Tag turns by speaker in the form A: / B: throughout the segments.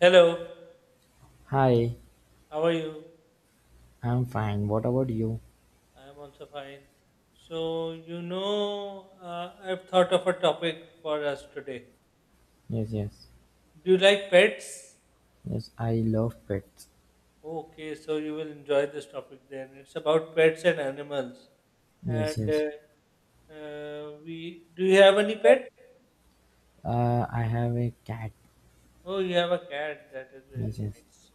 A: Hello,
B: Hi,
A: how are you?
B: I'm fine. What about you?
A: I am also fine. So, I've thought of a topic for us today.
B: Yes, yes.
A: Do you like pets?
B: Yes, I love pets.
A: Okay, so you will enjoy this topic then. It's about pets and animals. And
B: Yes, yes.
A: we do you have any pet?
B: I have a cat.
A: Oh, you have a cat. That is
B: Yes,
A: very
B: yes.
A: nice.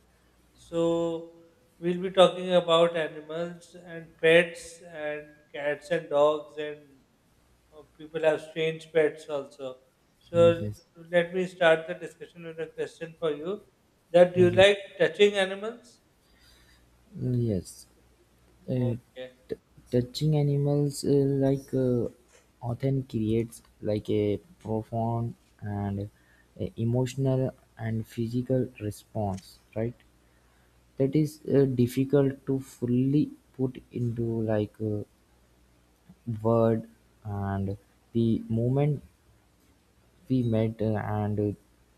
A: So, we'll be talking about animals and pets and cats and dogs and people have strange pets also. So
B: Yes, yes.
A: let me start the discussion with a question for you. That do you
B: Yes, yes.
A: like touching animals?
B: Mm, yes. Uh,
A: Okay.
B: Touching animals, like, often creates like a profound and emotional and physical response, right? That is difficult to fully put into like a word, and the moment we met and,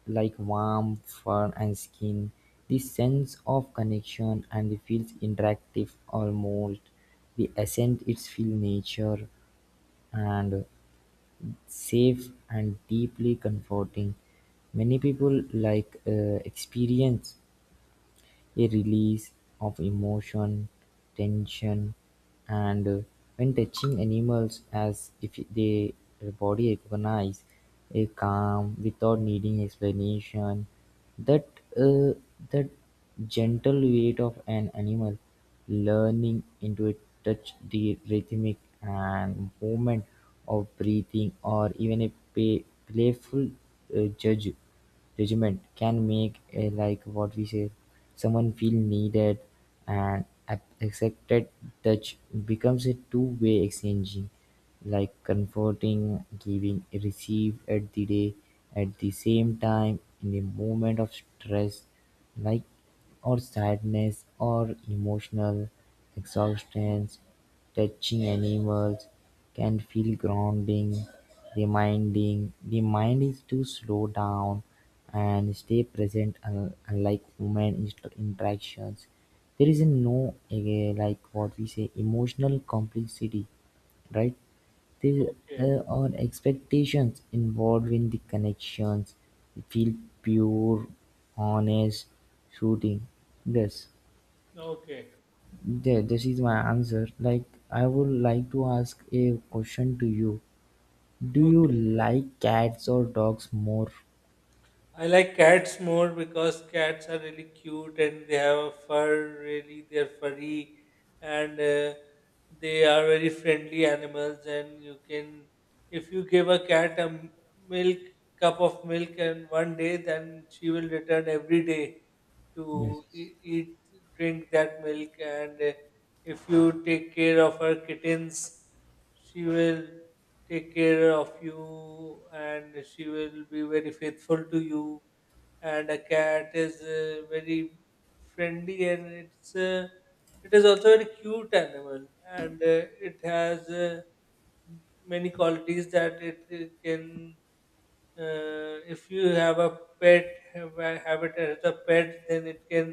B: like warm fur and skin, the sense of connection and the feels interactive, almost the essence it's feel nature and safe and deeply comforting. Many people like experience a release of emotion, tension, and when touching animals, as if they their body recognize a calm without needing explanation. That uh, that gentle weight of an animal learning into it, touch the rhythmic and movement of breathing, or even a pay, playful judge regiment, can make, a, like what we say, someone feel needed and accepted. Touch becomes a two-way exchanging, like comforting, giving receive at the day at the same time, in a moment of stress, like, or sadness or emotional exhaustion. Touching animals can feel grounding, reminding the mind is to slow down and stay present. Unlike human interactions, there is a no like what we say emotional complexity, right? There
A: Okay.
B: are expectations involved in the connections. It feel pure, honest, shooting. Yes,
A: Okay.
B: yeah, this is my answer. Like, I would like to ask a question to you. Do you
A: Okay.
B: like cats or dogs more?
A: I like cats more because cats are really cute and they have a fur, really, they're furry and they are very friendly animals. If you give a cat a milk, cup of milk and one day, then she will return every day to
B: Yes.
A: eat, drink that milk. And if you take care of her kittens, she will take care of you and she will be very faithful to you and a cat is very friendly and it is also a very cute animal and it has many qualities that it can, if you have a have it as a pet then it can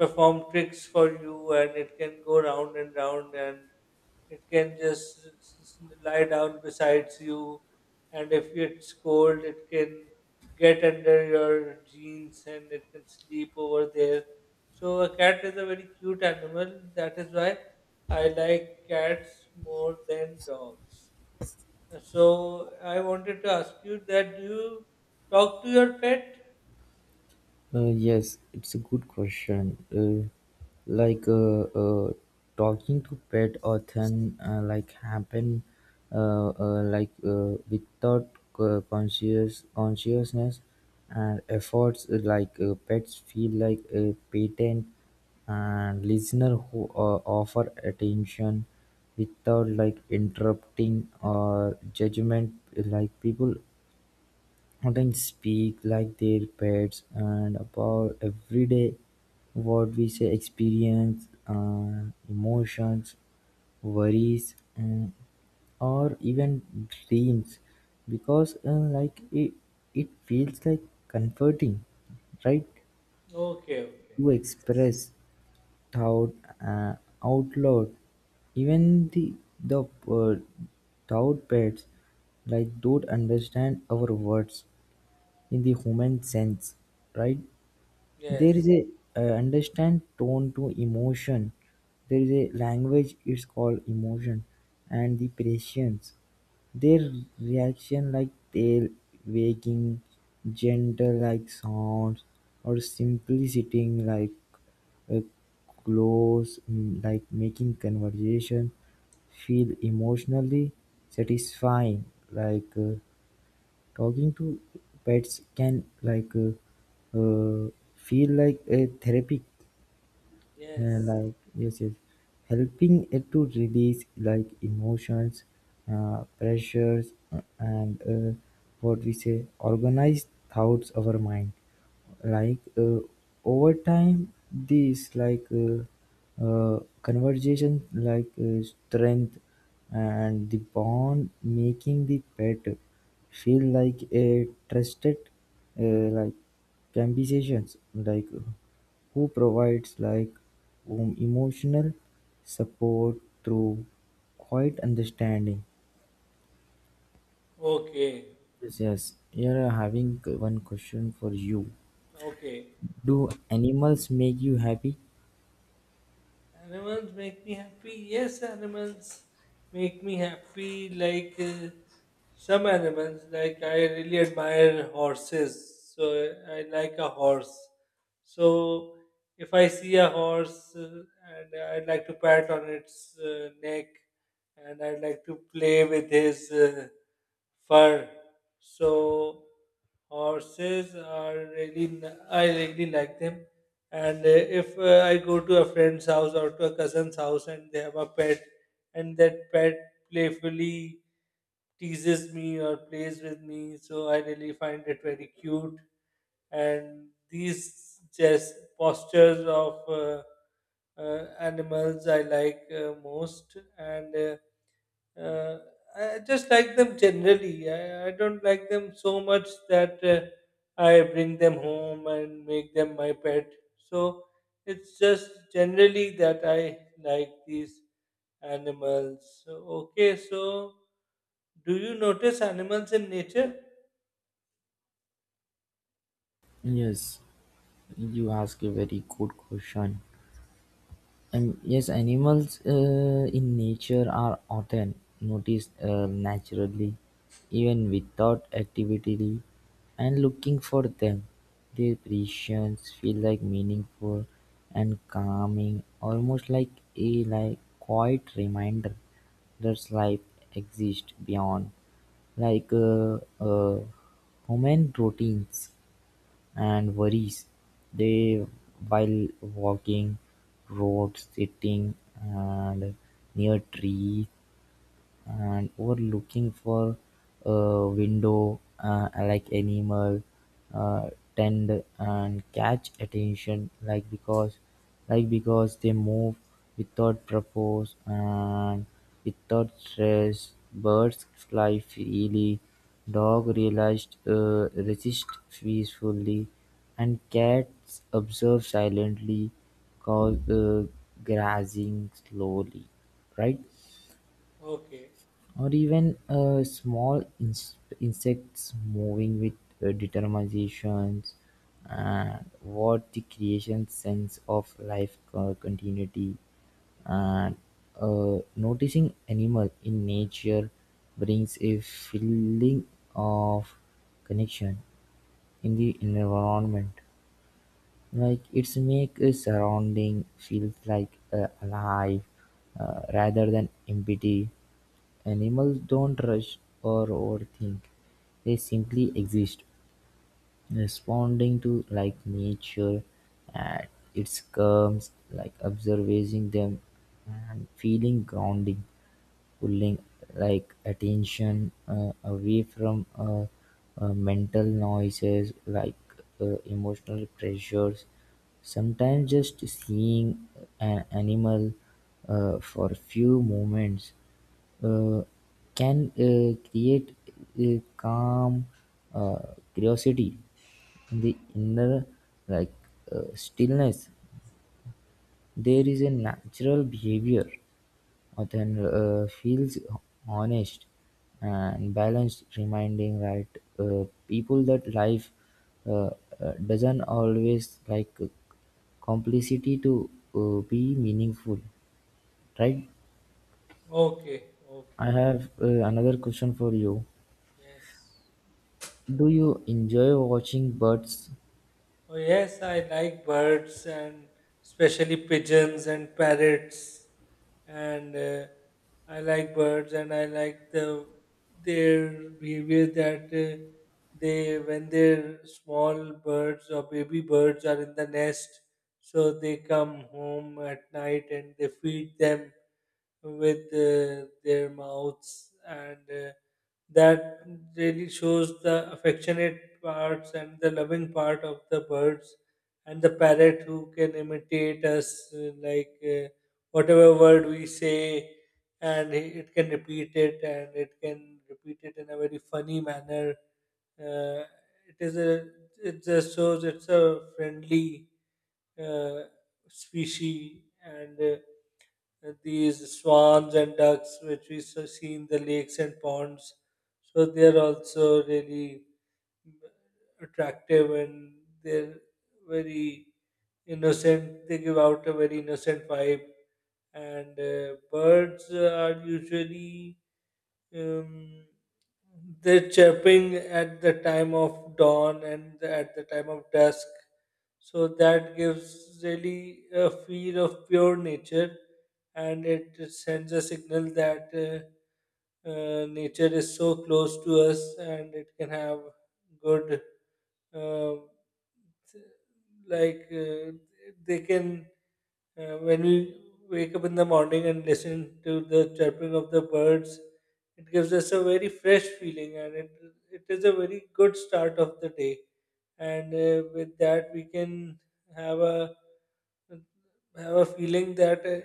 A: perform tricks for you and it can go round and round and it can just lie down besides you, and if it's cold, it can get under your jeans and it can sleep over there. So, a cat is a very cute animal. That is why I like cats more than dogs. So, I wanted to ask you that do you talk to your pet?
B: Yes, it's a good question. Like, talking to pet often like happen, like, without conscious consciousness and efforts, like, pets feel like a patent and listener who offer attention without like interrupting or judgment, like people. Again speak like their pets and about everyday, what we say, experience emotions, worries, or even dreams, because like it feels like comforting, right?
A: Okay, okay.
B: To express
A: Yes,
B: thought uh, out loud, even the thought pets like don't understand our words in the human sense, right? There
A: yes,
B: is a understand tone to emotion. There is a language. It's called emotion, and the patience. Their reaction, like tail wagging, gentle like sounds, or simply sitting like a close, like making conversation feel emotionally satisfying, like. Talking to pets can like, uh, feel like a therapy,
A: yes.
B: like, yes, yes, helping it to release like emotions, pressures, and, what we say, organized thoughts of our mind, like, over time these, like conversation, like strength and the bond, making the pet feel like a trusted, like conversations, like who provides, like whom emotional support through quiet understanding.
A: Okay,
B: Yes, yes. Here I having one question for you.
A: okay.
B: Do animals make you happy?
A: Animals make me happy. Yes, animals make me happy. Like some animals, like I really admire horses. So I like a horse. So if I see a horse and I'd like to pat on its neck and I'd like to play with his fur. So horses are really, I really like them and if I go to a friend's house or to a cousin's house and they have a pet, and that pet playfully teases me or plays with me, so I really find it very cute. And these just postures of animals I like most, and uh, I just like them generally. I don't like them so much that I bring them home and make them my pet. So it's just generally that I like these animals. So, okay, so do you notice animals in nature?
B: Yes, you ask a very good question. Yes, animals in nature are often noticed naturally, even without activity, and looking for them, their presence feel like meaningful and calming, almost like a, like, quiet reminder that life exists beyond, like human routines and worries. They, while walking, road sitting and near trees, and were looking for a window, like animal uh, tend and catch attention, like because they move without purpose and without stress. Birds fly freely, dog realized resist peacefully, and cats observe silently, cause grazing slowly, right?
A: Okay,
B: Or even small insects moving with determination, and what the creation sense of life continuity. And noticing animal in nature brings a feeling of connection in the environment, like it's make a surrounding feels like, alive, rather than empty. Animals don't rush or overthink; they simply exist, responding to like nature at its curves, like observing them and feeling grounding, pulling like attention away from mental noises, like emotional pressures. Sometimes just seeing an animal for a few moments uh, can create a calm, uh, curiosity, the inner, like, stillness. There is a natural behavior, then feels honest and balanced, reminding, right, people that life uh, doesn't always, like, complicity to be meaningful, right?
A: okay, okay.
B: I have another question for you.
A: Yes.
B: Do you enjoy watching birds?
A: Oh, yes, I like birds and especially pigeons and parrots. And I like birds and I like the their behavior that they when their small birds or baby birds are in the nest, so they come home at night and they feed them with their mouths and that really shows the affectionate parts and the loving part of the birds and the parrot who can imitate us whatever word we say and it can repeat it and it can repeat it in a very funny manner, uh, it is a, it just shows it's a friendly uh, species and these swans and ducks which we so see in the lakes and ponds. So they are also really uh, attractive and they're very innocent. They give out a very innocent vibe. And birds are usually um, they're chirping at the time of dawn and at the time of dusk. So that gives really a feel of pure nature and it sends a signal that nature is so close to us and it can have good, uh, like, uh, they can, when we wake up in the morning and listen to the chirping of the birds, it gives us a very fresh feeling and it is a very good start of the day and with that we can have a have a feeling that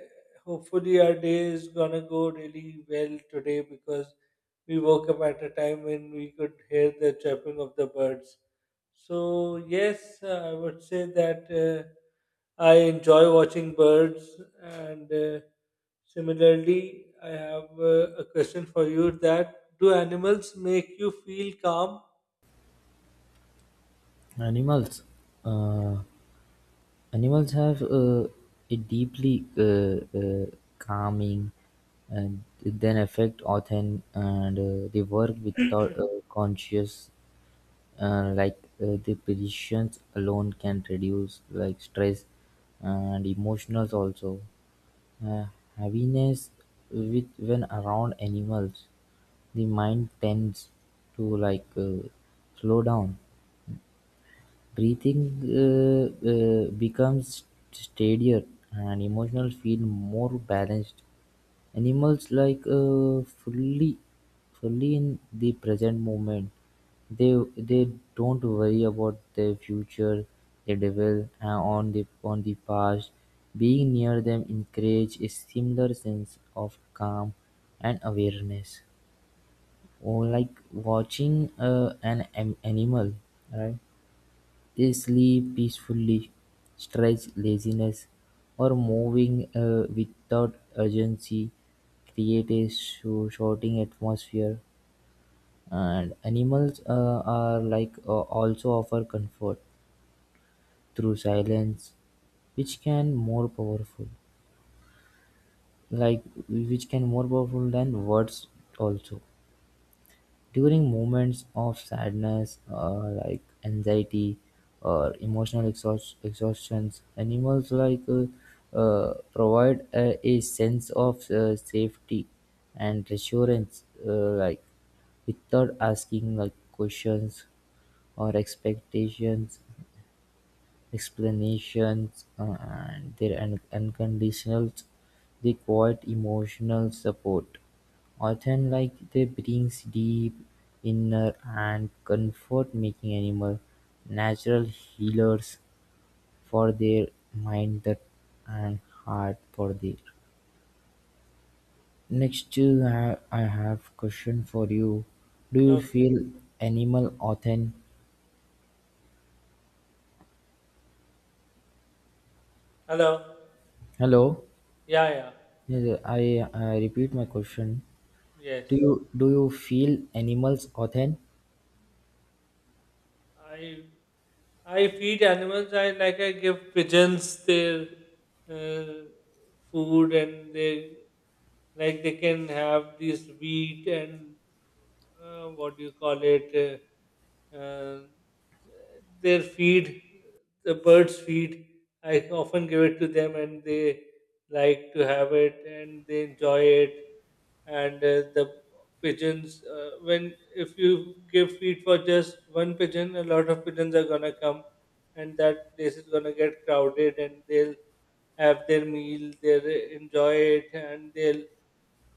A: hopefully our day is gonna go really well today because we woke up at a time when we could hear the chirping of the birds. So yes, I would say that I enjoy watching birds, and similarly, I have a question for you: that do animals make you feel calm?
B: Animals, uh, animals have a deeply calming and then effect on. And they work without a conscious, like, the positions alone can reduce like stress and emotionals also, uh, heaviness, with when around animals the mind tends to, like, slow down. Breathing becomes steadier and emotions feel more balanced. Animals, like fully, fully in the present moment. They don't worry about their future. They dwell on the past. Being near them encourage a similar sense of calm and awareness, or like watching an animal, right? They sleep peacefully, stretch laziness, or moving without urgency, create a shouting atmosphere. And animals are like, also offer comfort through silence, which can more powerful, like which can more powerful than words also. During moments of sadness, like anxiety or emotional exhaustions, animals like, provide a sense of safety and reassurance, like without asking, like, questions or expectations, explanations, and their unconditional, they quiet emotional support, often like they brings deep inner and comfort, making animal natural healers for their mind that and heart. For their next I have question for you. Do you
A: No.
B: feel animal often?
A: Hello.
B: Hello.
A: Yeah, yeah.
B: Yes, I repeat my question.
A: Yes,
B: Do you do you feel animals often?
A: I I feed animals. I give pigeons their uh, food, and they, like, they can have this wheat and, what do you call it? Uh, uh, their feed, the birds' feed. I often give it to them, and they like to have it, and they enjoy it. And the pigeons, when if you give feed for just one pigeon, a lot of pigeons are going to come and that place is going to get crowded and they'll have their meal, they'll enjoy it, and they'll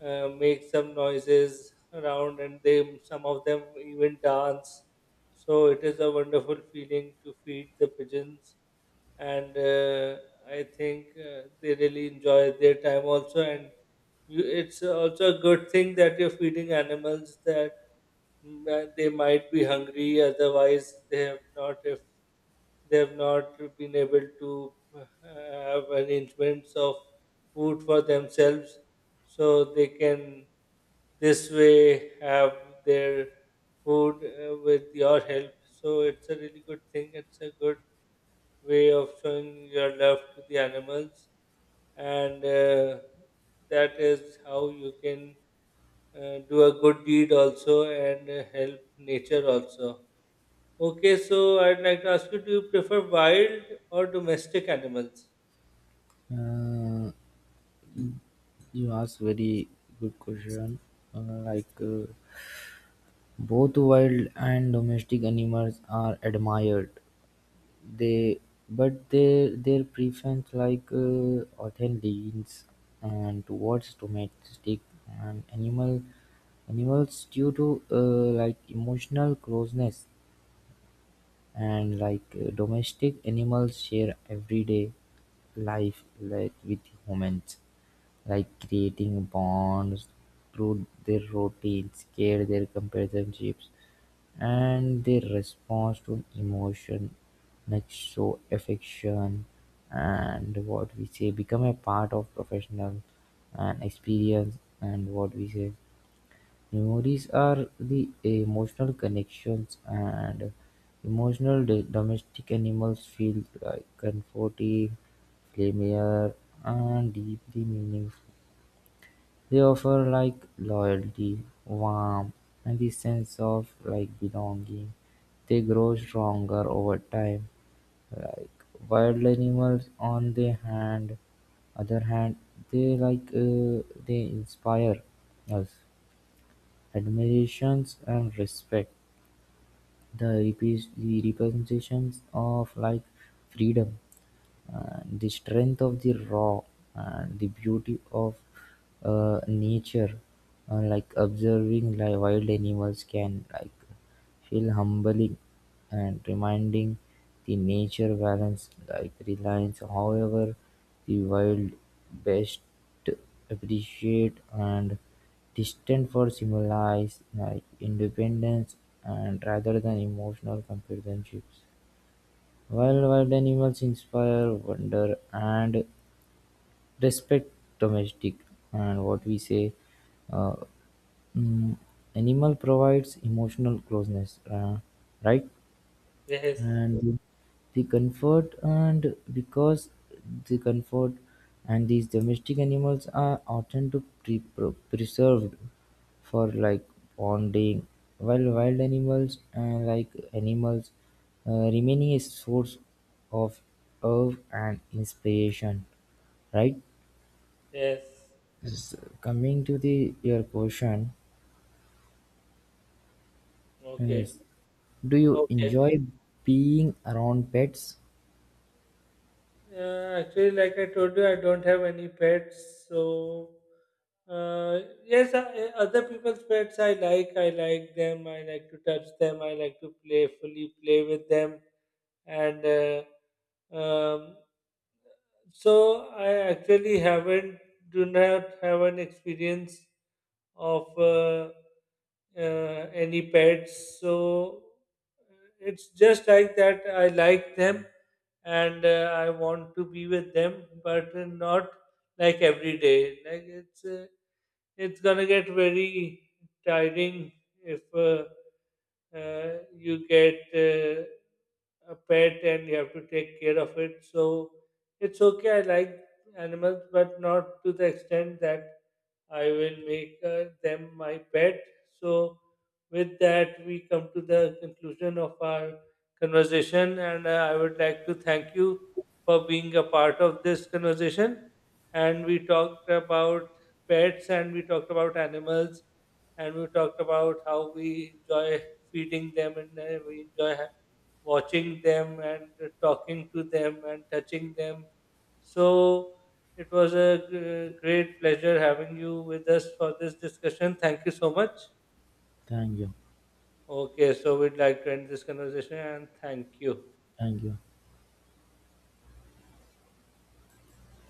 A: make some noises around, and they, some of them even dance. So it is a wonderful feeling to feed the pigeons. And I think they really enjoy their time also. And you, it's also a good thing that you're feeding animals that, they might be hungry, otherwise they have not, if they have not been able to have arrangements of food for themselves, so they can this way have their food with your help. So it's a really good thing. It's a good way of showing your love to the animals, and that is how you can do a good deed also and help nature also. Okay, so I'd like to ask you: do you prefer wild or domestic animals?
B: Uh, you ask very good question. Like, both wild and domestic animals are admired. They, but their preference, like often leans and towards domestic and animals due to, like emotional closeness, and like domestic animals share everyday life, like with humans, like creating bonds through their routines, care, their companionships, and their response to emotion, like show affection, and what we say, become a part of professional and experience. And what we say, memories are the emotional connections, and emotional domestic animals feel like comforting, familiar, and deeply meaningful. They offer like loyalty, warmth, and the sense of like belonging. They grow stronger over time. Like wild animals, on the hand, other hand, they inspire us. Admiration and respect, the representations of life, freedom. The strength of the raw and the beauty of nature, like observing, like wild animals can like feel humbling and reminding the nature balance, like reliance. However, the wild best appreciate and distant for symbolize like independence, and rather than emotional companionships, wild animals inspire wonder and respect. Domestic, and what we say, uh, mm, animal provides emotional closeness, right,
A: Yes,
B: and the comfort, and because the comfort, and these domestic animals are often to preserved for, like, bonding, while wild animals, like animals, remaining a source of love and inspiration, right?
A: yes.
B: Coming to the your question,
A: Okay,
B: yes, do you
A: okay.
B: enjoy being around pets?
A: Actually, like I told you, I don't have any pets. So, yes, other people's pets I like. I like them. I like to touch them. I like to playfully play with them. And so I actually haven't do not have an experience of uh, any pets. So it's just like that. I like them and I want to be with them, but not like every day. Like it's gonna get very tiring if. You get a pet and you have to take care of it. So it's okay. I like animals, but not to the extent that I will make them my pet. So with that, we come to the conclusion of our conversation, and I would like to thank you for being a part of this conversation. And we talked about pets, and we talked about animals, and we talked about how we enjoy feeding them, and we enjoy watching them and talking to them and touching them. So it was a great pleasure having you with us for this discussion. Thank you so much.
B: Thank you.
A: Okay, so we'd like to end this conversation and thank you.
B: Thank you.